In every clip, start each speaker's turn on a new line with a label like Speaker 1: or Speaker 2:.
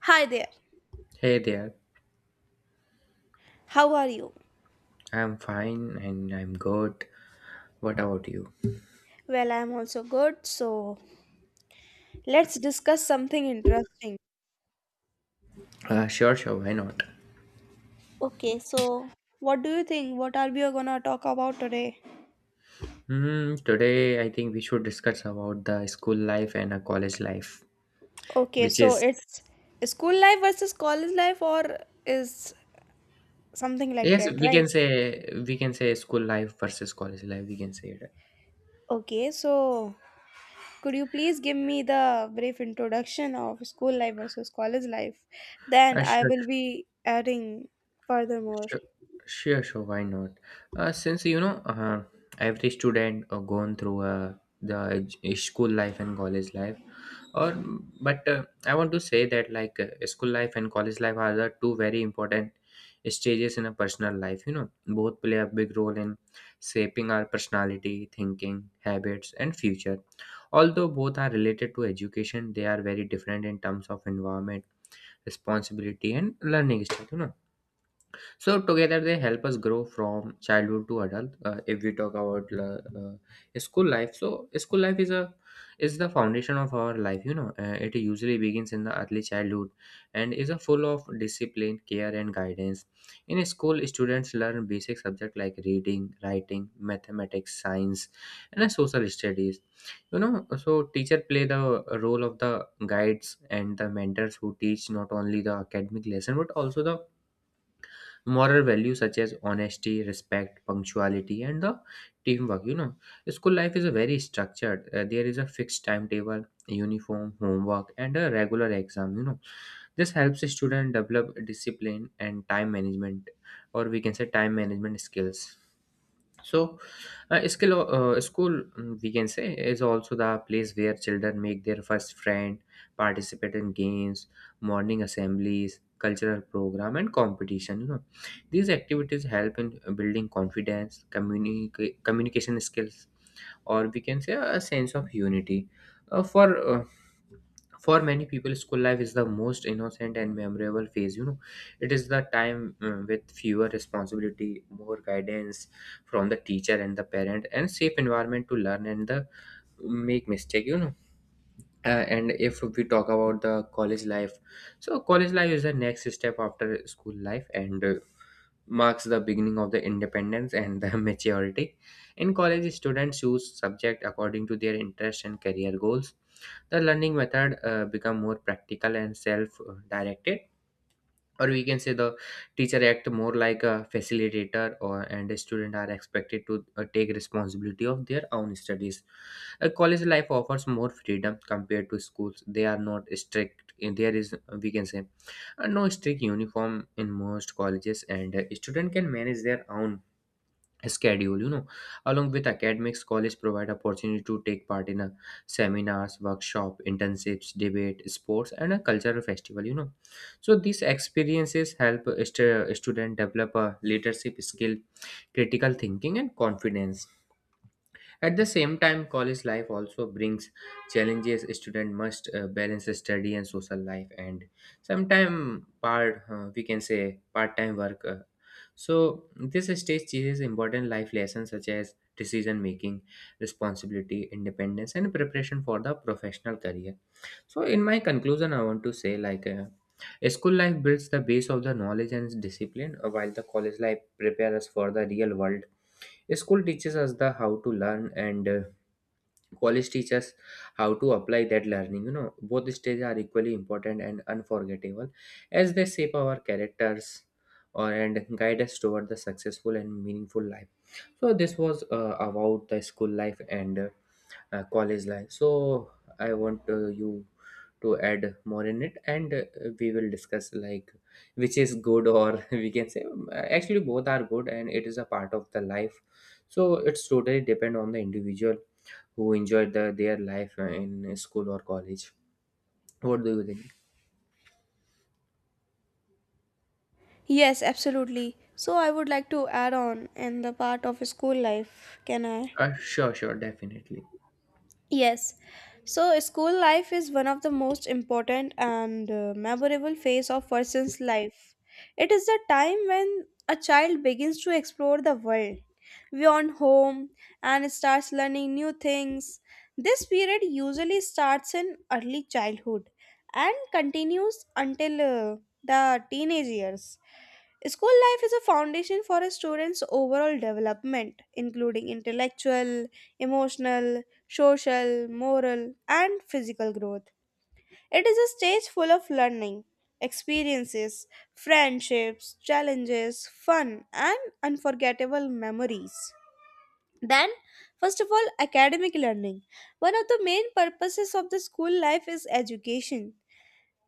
Speaker 1: Hi there.
Speaker 2: Hey there,
Speaker 1: How are you?
Speaker 2: I'm fine and I'm good. What about you?
Speaker 1: Well, I'm also good. So, let's discuss something interesting.
Speaker 2: Sure, why not?
Speaker 1: Okay, so what do you think? What are we going to talk about today?
Speaker 2: Hmm, today I think we should discuss about the school life and a college life,
Speaker 1: Okay,
Speaker 2: which
Speaker 1: so
Speaker 2: is
Speaker 1: it's school life versus college life or is something like
Speaker 2: yes,
Speaker 1: that,
Speaker 2: we
Speaker 1: right?
Speaker 2: can say school life versus college life. We can say it.
Speaker 1: Okay, so could you please give me the brief introduction of school life versus college life? Then
Speaker 2: Uh,
Speaker 1: I
Speaker 2: sure,
Speaker 1: will be adding furthermore.
Speaker 2: Sure, sure. Why not? Since you know, every student gone through the school life and college life, or but I want to say that school life and college life are the two very important stages in a personal life. You know, both play a big role in shaping our personality, thinking, habits, and future. Although both are related to education, they are very different in terms of environment, responsibility, and learning style. You know, so together they help us grow from childhood to adult. If we talk about school life, so school life is the foundation of our life. You know, it usually begins in the early childhood and is a full of discipline, care, and guidance. In school, students learn basic subjects like reading, writing, mathematics, science, and social studies. You know, so teacher play the role of the guides and the mentors who teach not only the academic lesson but also the moral values such as honesty respect punctuality and the teamwork. You know, school life is a very structured. There is a fixed timetable uniform homework and a regular exam. You know, this helps a student develop discipline and time management, or we can say time management skills. So skill school, we can say, is also the place where children make their first friend, participate in games, morning assemblies, cultural program and competition. You know, these activities help in building confidence, communication skills, or we can say a sense of unity. For for many people school life is the most innocent and memorable phase. You know, it is the time with fewer responsibility, more guidance from the teacher and the parent, and safe environment to learn and the make mistake. You know, uh, and if we talk about the college life, so college life is the next step after school life and marks the beginning of the independence and the maturity. In college, students choose subject according to their interest and career goals. The learning method become more practical and self-directed, or we can say the teacher act more like a facilitator, or and the student are expected to take responsibility of their own studies. A college life offers more freedom compared to schools. They are not strict in there is, we can say, no strict uniform in most colleges, and student can manage their own schedule. You know, along with academics college provide opportunity to take part in a seminars workshop internships debate sports and a cultural festival. You know, so these experiences help a student develop a leadership skill, critical thinking and confidence. At the same time, college life also brings challenges. Student must balance study and social life, and sometime part, we can say part time work. So this stage teaches important life lessons such as decision making, responsibility, independence, and preparation for the professional career. So in my conclusion, I want to say like, school life builds the base of the knowledge and discipline, while the college life prepares us for the real world. School teaches us the how to learn, and college teaches how to apply that learning. You know, both stages are equally important and unforgettable, as they shape our characters, or and guide us toward the successful and meaningful life. So this was about the school life and college life. So I want you to add more in it, and we will discuss like which is good, or we can say, actually both are good and it is a part of the life. So it's totally depend on the individual who enjoyed the, their life in school or college. What do you think?
Speaker 1: Yes, absolutely. So I would like to add on in the part of school life, can I?
Speaker 2: Sure, definitely.
Speaker 1: Yes. So school life is one of the most important and memorable phase of person's life. It is the time when a child begins to explore the world beyond home and starts learning new things. This period usually starts in early childhood and continues until the teenage years. School life is a foundation for a student's overall development, including intellectual, emotional, social, moral, and physical growth. It is a stage full of learning, experiences, friendships, challenges, fun, and unforgettable memories. Then, first of all, academic learning. One of the main purposes of the school life is education.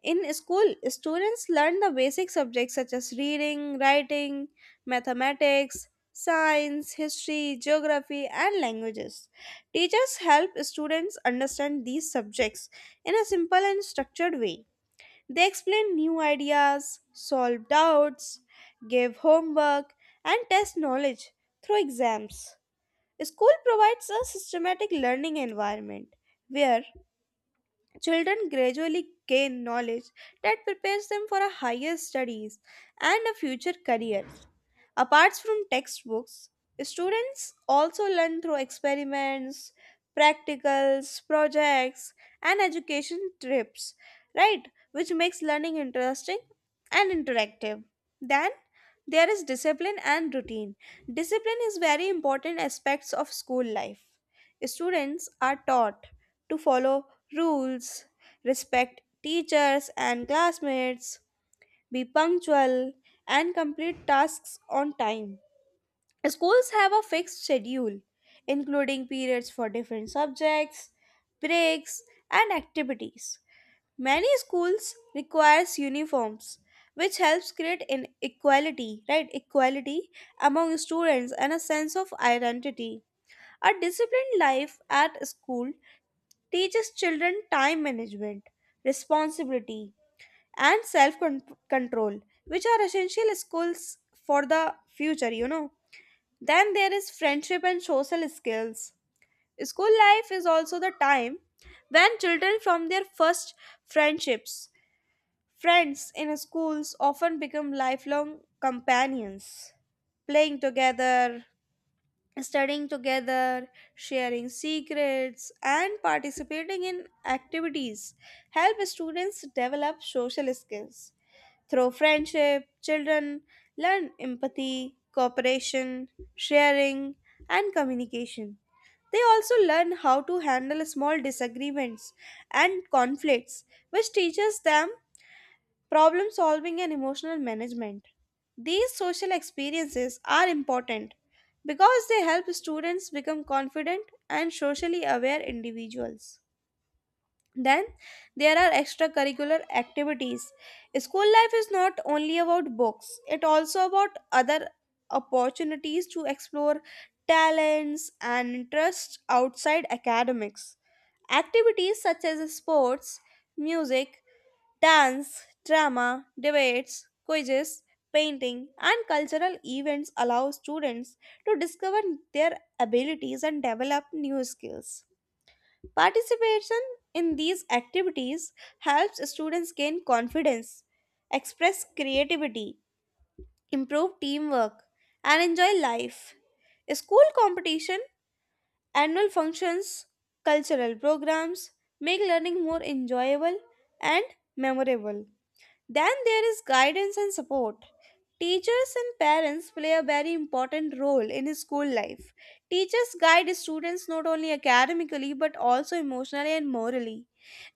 Speaker 1: In school, students learn the basic subjects such as reading, writing, mathematics, science, history, geography, and languages. Teachers help students understand these subjects in a simple and structured way. They explain new ideas, solve doubts, give homework, and test knowledge through exams. School provides a systematic learning environment where children gradually gain knowledge that prepares them for a higher studies and a future career. Apart from textbooks, students also learn through experiments, practicals, projects, and education trips, right? Which makes learning interesting and interactive. Then there is discipline and routine. Discipline is very important aspects of school life. Students are taught to follow rules, respect teachers and classmates, be punctual, and complete tasks on time. Schools have a fixed schedule, including periods for different subjects, breaks, and activities. Many schools requires uniforms, which helps create an equality, right? Equality among students and a sense of identity. A disciplined life at school teaches children time management, responsibility, and self control, which are essential skills for the future. Then there is friendship and social skills. School life is also the time when children form their first friendships, friends in schools often become lifelong companions, playing together, studying together, sharing secrets, and participating in activities help students develop social skills. Through friendship, children learn empathy, cooperation, sharing, and communication. They also learn how to handle small disagreements and conflicts, which teaches them problem solving, and emotional management. These social experiences are important because they help students become confident and socially aware individuals. Then there are extracurricular activities. School life is not only about books, it also about other opportunities to explore talents and interests outside academics. Activities such as sports, music, dance, drama, debates, quizzes, painting, and cultural events allow students to discover their abilities and develop new skills. Participation in these activities helps students gain confidence, express creativity, improve teamwork, and enjoy life. School competition, annual functions, cultural programs make learning more enjoyable and memorable. Then there is guidance and support. Teachers and parents play a very important role in school life. Teachers guide students not only academically but also emotionally and morally.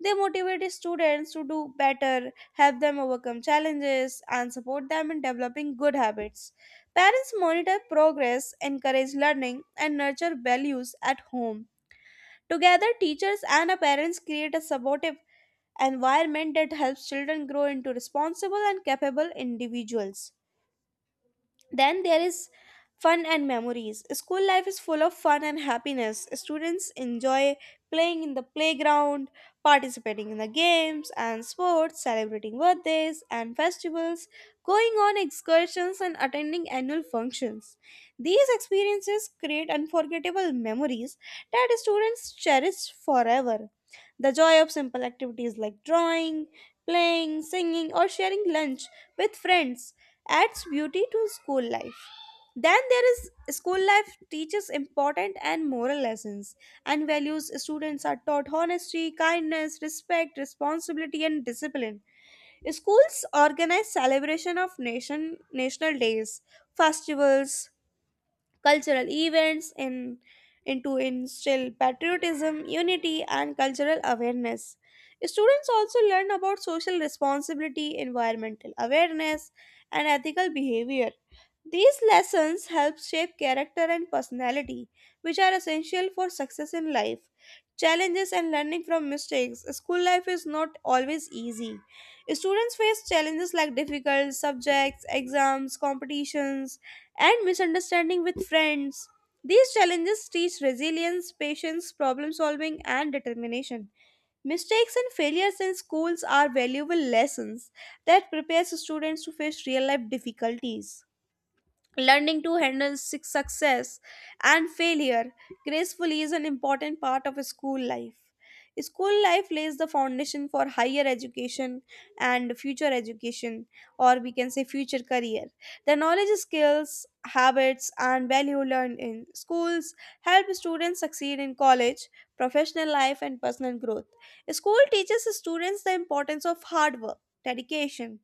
Speaker 1: They motivate students to do better, help them overcome challenges, and support them in developing good habits. Parents monitor progress, encourage learning, and nurture values at home. Together, teachers and parents create a supportive environment that helps children grow into responsible and capable individuals. Then there is fun and memories. School life is full of fun and happiness. Students enjoy playing in the playground, participating in the games and sports, celebrating birthdays and festivals, going on excursions, and attending annual functions. These experiences create unforgettable memories that students cherish forever. The joy of simple activities like drawing, playing, singing, or sharing lunch with friends adds beauty to school life. Then there is school life teaches important and moral lessons and values. Students are taught honesty, kindness, respect, responsibility, and discipline. Schools organize celebration of nation national days, festivals, cultural events in and to instill patriotism, unity, and cultural awareness. Students also learn about social responsibility, environmental awareness, and ethical behavior. These lessons help shape character and personality, which are essential for success in life. Challenges and learning from mistakes. School life is not always easy. Students face challenges like difficult subjects, exams, competitions, and misunderstanding with friends. These challenges teach resilience, patience, problem solving, and determination. Mistakes and failures in schools are valuable lessons that prepares students to face real life difficulties. Learning to handle success and failure gracefully is an important part of school life. School life lays the foundation for higher education and future education, or we can say future career. The knowledge, skills, habits, and value learned in schools help students succeed in college, professional life, and personal growth. School teaches students the importance of hard work, dedication,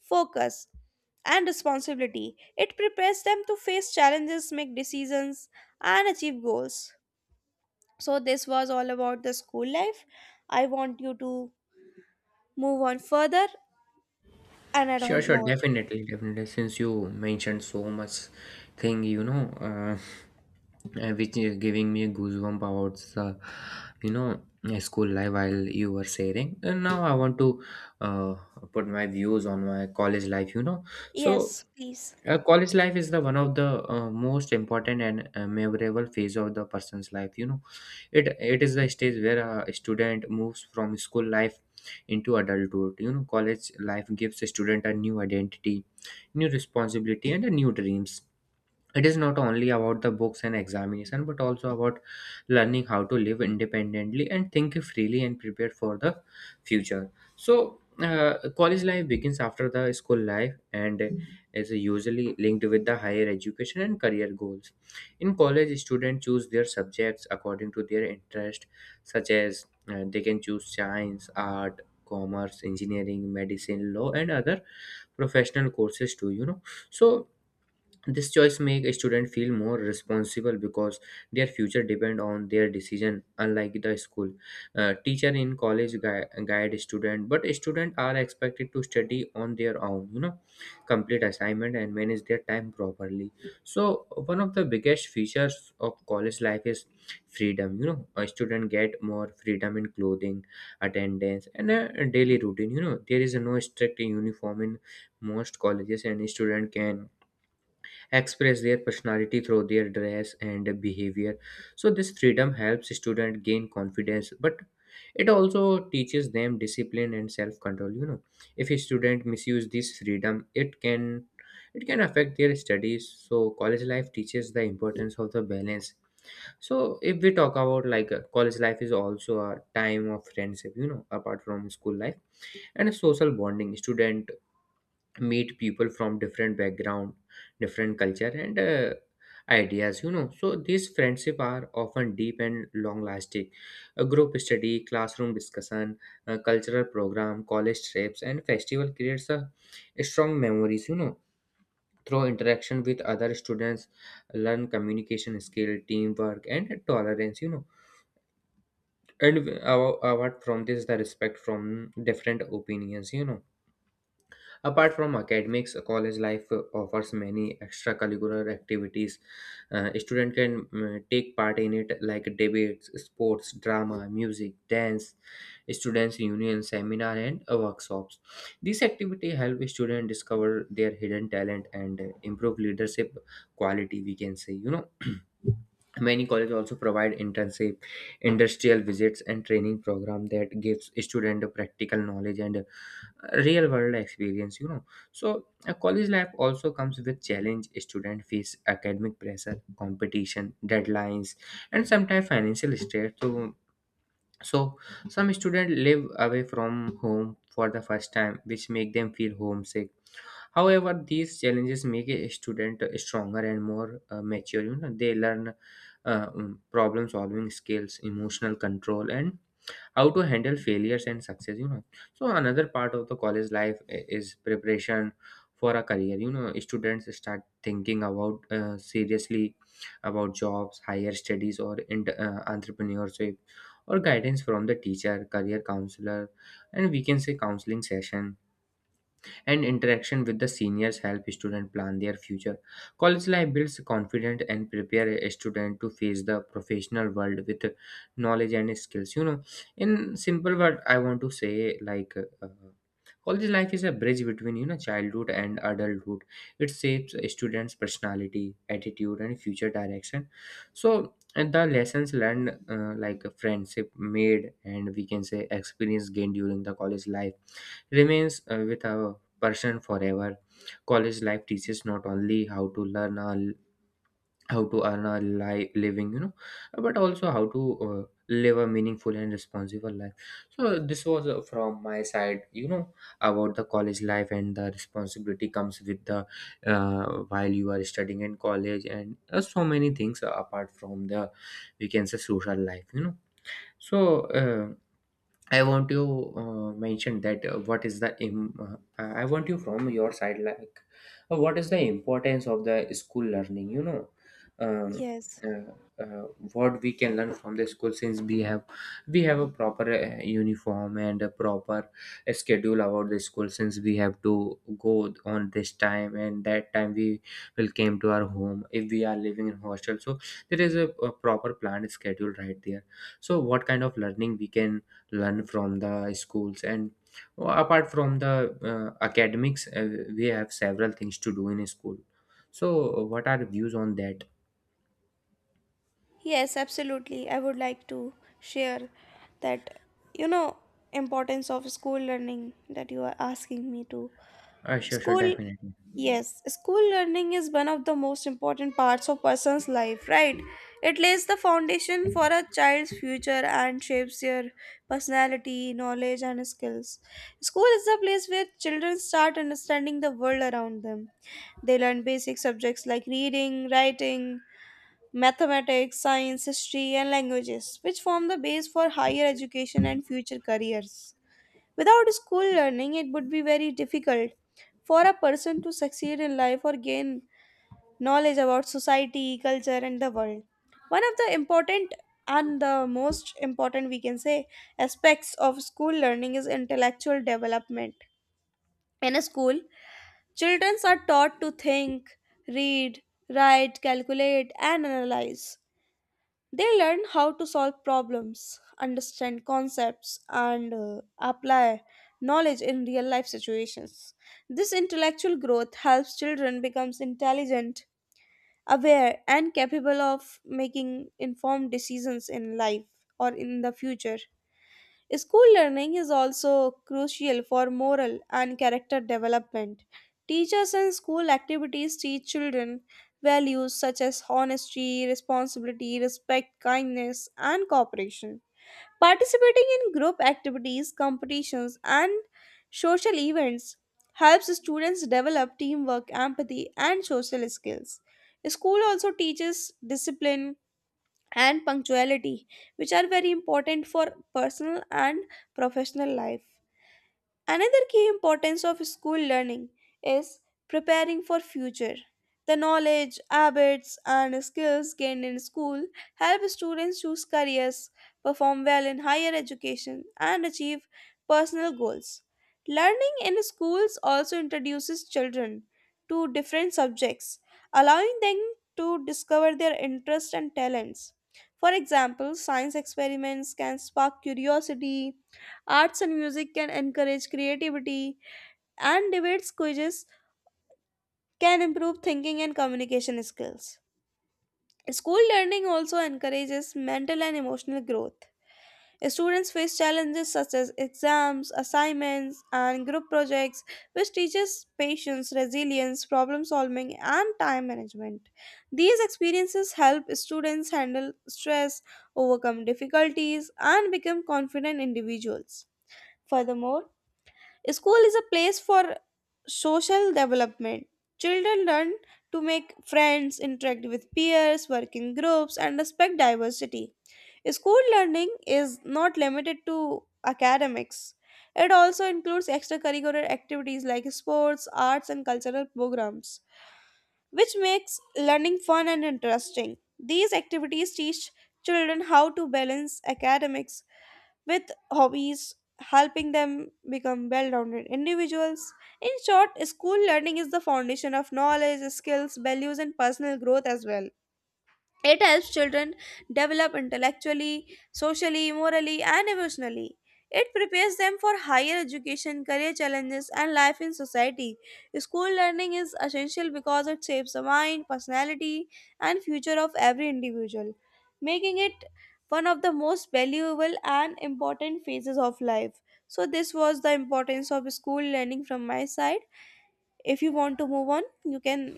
Speaker 1: focus, and responsibility. It prepares them to face challenges, make decisions, and achieve goals. So, this was all about the school life. I want you to move on further and add
Speaker 2: Sure,
Speaker 1: on
Speaker 2: sure,
Speaker 1: more.
Speaker 2: definitely, definitely. Since you mentioned so much thing, you know, which is giving me a goosebump about the, you know, school life while you were sharing. And now I want to uh, put my views on my college life. You know, so
Speaker 1: Yes, please.
Speaker 2: College life is the one of the most important and memorable phase of the person's life. You know, it is the stage where a student moves from school life into adulthood. You know, college life gives a student a new identity, new responsibility, and a new dreams. It is not only about the books and examination but also about learning how to live independently and think freely and prepare for the future. So college life begins after the school life and is usually linked with the higher education and career goals. In college students choose their subjects according to their interest, such as they can choose science, art, commerce, engineering, medicine, law and other professional courses too. You know, so this choice make a student feel more responsible because their future depend on their decision. Unlike the school, teacher in college guide student, but students are expected to study on their own. You know, complete assignment and manage their time properly. So one of the biggest features of college life is freedom. You know, a student get more freedom in clothing, attendance, and a daily routine. You know, there is no strict uniform in most colleges, and student can express their personality through their dress and behavior. So this freedom helps students gain confidence, but it also teaches them discipline and self control. You know, if a student misuse this freedom it can affect their studies. So college life teaches the importance of the balance. So if we talk about college life is also a time of friendship. You know, apart from school life and a social bonding, student meet people from different background, different culture and ideas. You know, so these friendship are often deep and long lasting. A group study, classroom discussion, a cultural program, college trips and festival creates a strong memories. You know, through interaction with other students learn communication skill, teamwork and tolerance. You know, and apart from this the respect from different opinions, you know. Apart from academics, college life offers many extracurricular activities. Student can take part in it like debates, sports, drama, music, dance, students union, seminar, and workshops. These activity help students discover their hidden talent and improve leadership quality. We can say, you know. Many colleges also provide internship, industrial visits, and training program that gives student practical knowledge and real world experience. You know, so a college life also comes with challenge. Student face academic pressure, competition, deadlines, and sometimes financial stress. So, so some students live away from home for the first time, which make them feel homesick. However, these challenges make a student stronger and more mature. You know, they learn problem solving skills, emotional control, and how to handle failures and success. You know, so another part of the college life is preparation for a career. You know, students start thinking about seriously about jobs, higher studies, or in, entrepreneurship, or guidance from the teacher, career counselor, and we can say counseling session and interaction with the seniors help students plan their future. College life builds confidence and prepare a student to face the professional world with knowledge and skills. You know, in simple word, I want to say like. Uh, college life is a bridge between you know childhood and adulthood. It shapes a students' personality, attitude, and future direction. So, and the lessons learned, like friendship made, and we can say experience gained during the college life, remains with a person forever. College life teaches not only how to learn how to earn a living, you know, but also how to live a meaningful and responsible life. So this was from my side, you know, about the college life and the responsibility comes with the while you are studying in college and so many things apart from the we can say social life, you know. So. I want you mention that what is the im- I want you from your side like what is the importance of the school learning um,
Speaker 1: Yes.
Speaker 2: uh, uh, what we can learn from the school since we have a proper uniform and a proper schedule about the school since we have to go on this time and that time we will came to our home if we are living in hostel, so there is a proper planned schedule right there. So what kind of learning we can learn from the schools, and apart from the academics, we have several things to do in school. So what are views on that?
Speaker 1: Yes, absolutely. I would like to share that you know importance of school learning that you are asking me to
Speaker 2: Sure, sure,
Speaker 1: school,
Speaker 2: definitely.
Speaker 1: yes, school learning is one of the most important parts of person's life, right? It lays the foundation for a child's future and shapes their personality, knowledge, and skills. School is the place where children start understanding the world around them. They learn basic subjects like reading, writing, mathematics, science, history, and languages, which form the base for higher education and future careers. Without school learning, it would be very difficult for a person to succeed in life or gain knowledge about society, culture, and the world. One of the important and the most important, we can say, aspects of school learning is intellectual development. In a school, children are taught to think, read, write, calculate, and analyze. They learn how to solve problems, understand concepts, and apply knowledge in real life situations. This intellectual growth helps children become intelligent, aware, and capable of making informed decisions in life or in the future. School learning is also crucial for moral and character development. Teachers and school activities teach children values such as honesty, responsibility, respect, kindness, and cooperation. Participating in group activities, competitions, and social events helps students develop teamwork, empathy, and social skills. School also teaches discipline, and punctuality, which are very important for personal and professional life. Another key importance of school learning is preparing for future. The knowledge, habits and skills gained in school help students choose careers, perform well in higher education and achieve personal goals. Learning in schools also introduces children to different subjects, allowing them to discover their interests and talents. For example, science experiments can spark curiosity, arts and music can encourage creativity, and debates quizzes can improve thinking and communication skills. School learning also encourages mental and emotional growth. Students face challenges such as exams, assignments, and group projects, which teaches patience, resilience, problem solving, and time management. These experiences help students handle stress, overcome difficulties, and become confident individuals. Furthermore, school is a place for social development. Children learn to make friends, interact with peers, work in groups, and respect diversity. School learning is not limited to academics. It also includes extracurricular activities like sports, arts, and cultural programs which makes learning fun and interesting. These activities teach children how to balance academics with hobbies, helping them become well rounded individuals. In short, school learning is the foundation of knowledge, skills, values, and personal growth as well. It helps children develop intellectually, socially, morally, and emotionally. It prepares them for higher education, career challenges, and life in society. School learning is essential because it shapes the mind, personality, and future of every individual, making it one of the most valuable and important phases of life. So, this was the importance of school learning from my side. If you want to move on, you can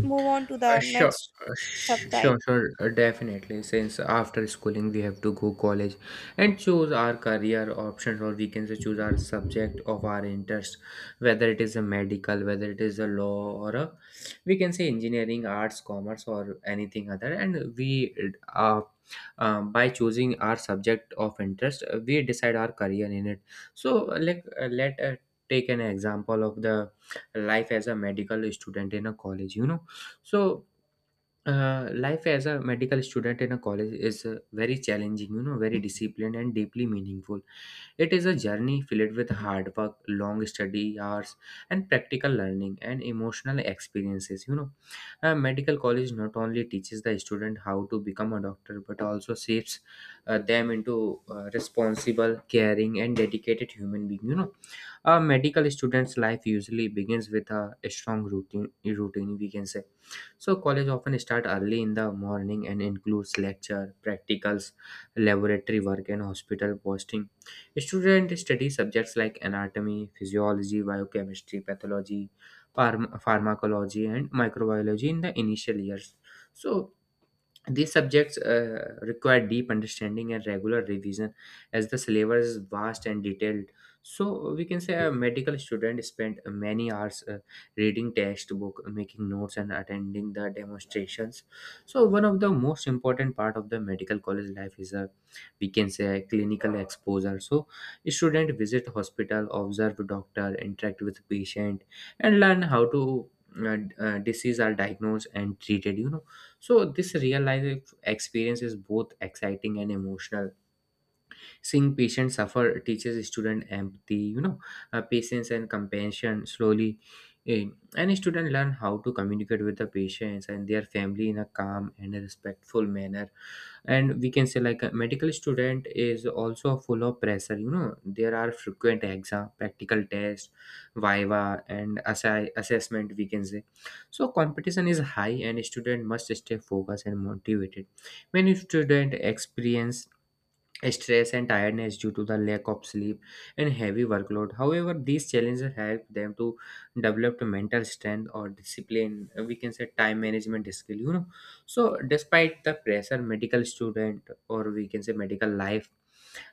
Speaker 1: move on to
Speaker 2: Uh,
Speaker 1: the
Speaker 2: sure,
Speaker 1: next subtype.
Speaker 2: Definitely. Since after schooling we have to go college and choose our career options, or we can say choose our subject of our interest, whether it is a medical, whether it is a law, or a we can say engineering, arts, commerce, or anything other. And uh, by choosing our subject of interest, we decide our career in it. So, like, let take an example of the life as a medical student in a college. You know, so life as a medical student in a college is very challenging, you know, very disciplined and deeply meaningful. It is a journey filled with hard work, long study hours, and practical learning and emotional experiences. You know, a medical college not only teaches the student how to become a doctor but also shapes them into responsible, caring, and dedicated human being. You know, a medical student's life usually begins with a strong routine. Routine, we can say, so college often start early in the morning and includes lecture, practicals, laboratory work and hospital posting. Students study subjects like anatomy, physiology, biochemistry, pathology, pharmacology and microbiology in the initial years. So these subjects require deep understanding and regular revision as the syllabus is vast and detailed. So we can say a medical student spent many hours reading textbook, making notes and attending the demonstrations. So one of the most important part of the medical college life is a, we can say, a clinical exposure. So student visit hospital, observe doctor, interact with patient and learn how to disease are diagnosed and treated, you know, so this real life experience is both exciting and emotional. Seeing patients suffer teaches student empathy, you know, patience and compassion slowly. eh, And student learn how to communicate with the patients and their family in a calm and a respectful manner. And we can say like a medical student is also full of pressure. You know, there are frequent exam, practical tests, viva, and assessment, we can say. So competition is high, and student must stay focused and motivated. Many student experience stress and tiredness due to the lack of sleep and heavy workload. However, these challenges help them to develop the mental strength or discipline. We can say time management skill, you know. So, despite the pressure, medical student, or we can say medical life,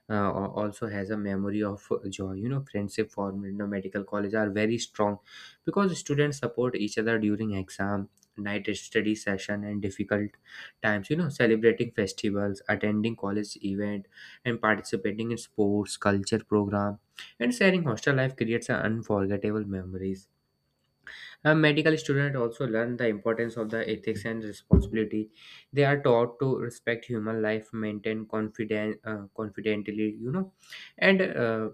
Speaker 2: also has a memory of joy. You know, friendship formed in a medical college are very strong because students support each other during exam, night study session and difficult times. You know, celebrating festivals, attending college event and participating in sports culture program and sharing hostel life creates a unforgettable memories. A medical student also learn the importance of the ethics and responsibility. They are taught to respect human life, maintain confidently, you know, and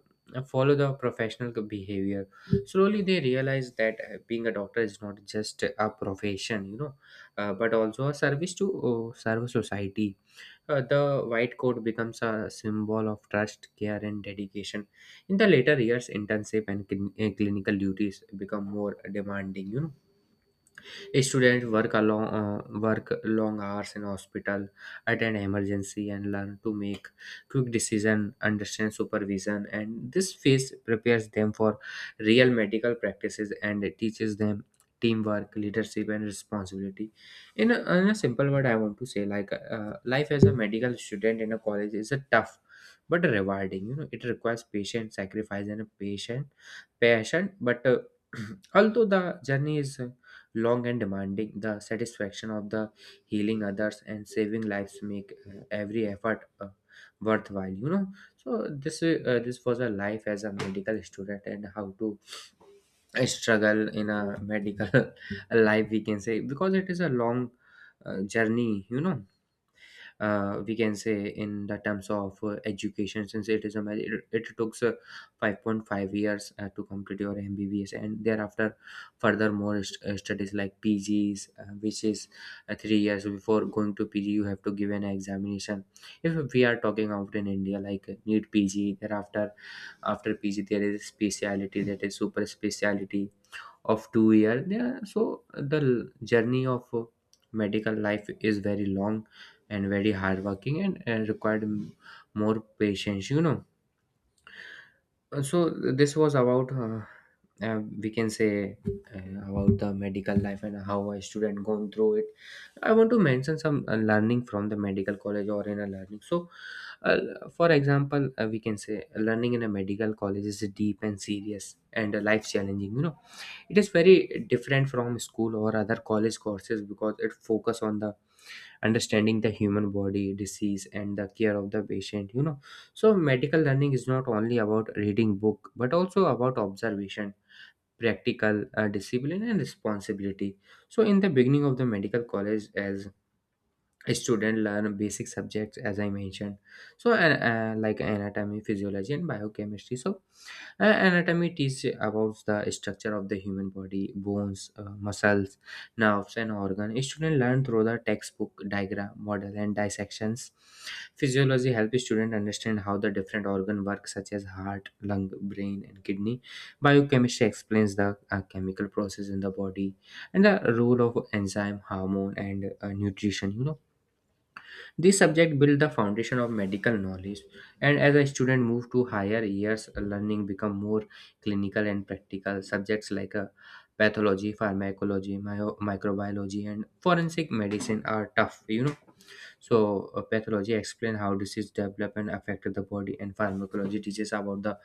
Speaker 2: follow the professional behavior. Slowly, they realize that being a doctor is not just a profession, you know, but also a service to serve society. The white coat becomes a symbol of trust, care, and dedication. In the later years, internship and clinical duties become more demanding. You know, students work long hours in hospital, attend emergency, and learn to make quick decision, understand supervision, and this phase prepares them for real medical practices and teaches them teamwork, leadership, and responsibility. In a simple word, I want to say like life as a medical student in a college is a tough but rewarding. You know, it requires patience, sacrifice, and a patient passion. But although the journey is long and demanding, the satisfaction of the healing others and saving lives make every effort worthwhile. You know, so this was a life as a medical student and how to struggle in a medical life, we can say, because it is a long journey. You know, we can say in the terms of education, since it is a it took 5.5 years to complete your mbbs and thereafter further more studies like pgs, which is 3 years. Before going to pg you have to give an examination if we are talking out in india, like need pg thereafter. After pg there is speciality, that is super speciality, of 2 year, yeah. So the l- journey of medical life is very long and very hardworking and, more patience, you know. So this was about we can say about the medical life and how a student gone through it. I want to mention some learning from the medical college or in a learning. So uh, for example, we can say learning in a medical college is deep and serious and life challenging, you know. It is very different from school or other college courses because it focus on the understanding the human body disease and the care of the patient, you know. So medical learning is not only about reading book but also about observation, practical, discipline and responsibility. So in the beginning of the medical college, as students learn basic subjects as I mentioned, so and like anatomy, physiology and biochemistry. So anatomy teaches about the structure of the human body, bones, muscles, nerves and organ. Students learn through the textbook, diagram, model and dissections. Physiology helps student understand how the different organ work, such as heart, lung, brain and kidney. Biochemistry explains the chemical process in the body and the role of enzyme, hormone and nutrition, you know. This subject built the foundation of medical knowledge, and as a student moved to higher years, learning become more clinical and practical. Subjects like pathology, pharmacology, microbiology, and forensic medicine are tough, you know. So pathology explain how disease develop and affect the body, and pharmacology teaches about the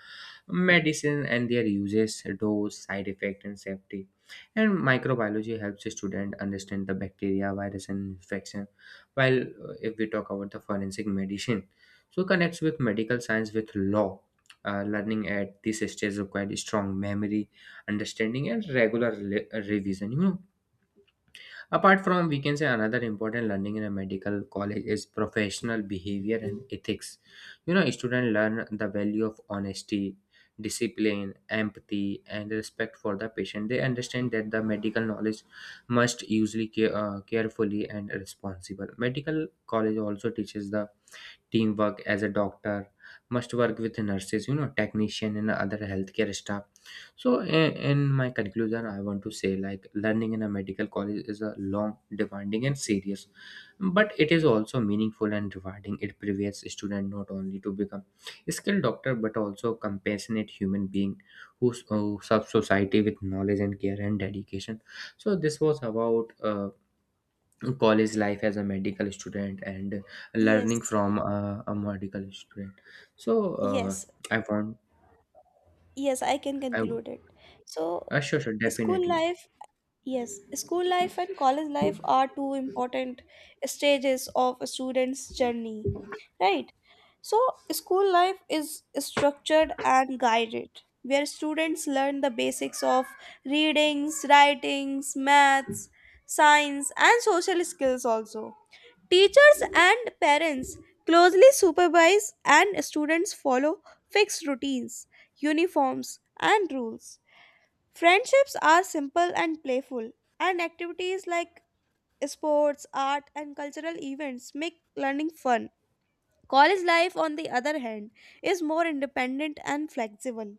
Speaker 2: medicine and their uses, dose, side effect, and safety. And microbiology helps the student understand the bacteria, virus, and infection, while if we talk about the forensic medicine so connects with medical science with law. Learning at this stage required strong memory, understanding and regular revision, you know. Apart from, we can say, another important learning in a medical college is professional behavior and ethics. You know, students learn the value of honesty, discipline, empathy, and respect for the patient. They understand that the medical knowledge must usually carefully and responsible. Medical college also teaches the teamwork, as a doctor must work with nurses, you know, technician and other healthcare staff. So in my conclusion I want to say like learning in a medical college is a long, demanding and serious, but it is also meaningful and rewarding. It prepares student not only to become a skilled doctor but also compassionate human being who, who serves society with knowledge and care and dedication. So this was about college life as a medical student and learning
Speaker 1: Yes.
Speaker 2: from a medical student. So uh,
Speaker 1: Yes,
Speaker 2: I want
Speaker 1: yes, I can
Speaker 2: I
Speaker 1: conclude it. So,
Speaker 2: sure, sure,
Speaker 1: school
Speaker 2: definitely.
Speaker 1: life, yes, school life and college life are two important stages of a student's journey, right? So, school life is structured and guided, where students learn the basics of readings, writings, maths, science, and social skills also. Teachers and parents closely supervise, and students follow fixed routines, uniforms, and rules. Friendships are simple and playful, and activities like sports, art, and cultural events make learning fun. College life, on the other hand, is more independent and flexible.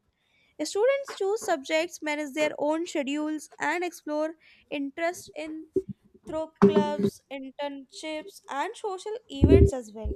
Speaker 1: Students choose subjects, manage their own schedules, and explore interests in through clubs, internships, and social events as well.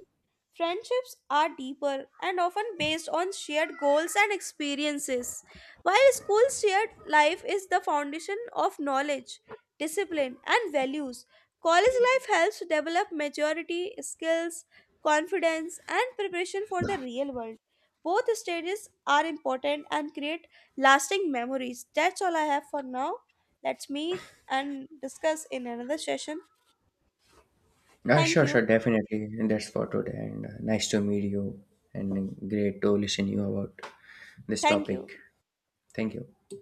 Speaker 1: Friendships are deeper and often based on shared goals and experiences, while school shared life is the foundation of knowledge, discipline, and values. College life helps develop maturity, skills, confidence, and preparation for the real world. Both stages are important and create lasting memories. That's all I have for now. Let's meet and discuss in another session. Thank
Speaker 2: Sure, sure,
Speaker 1: you.
Speaker 2: definitely, and that's for today, and nice to meet you and great to listen you about this
Speaker 1: Thank you.
Speaker 2: topic. Thank you.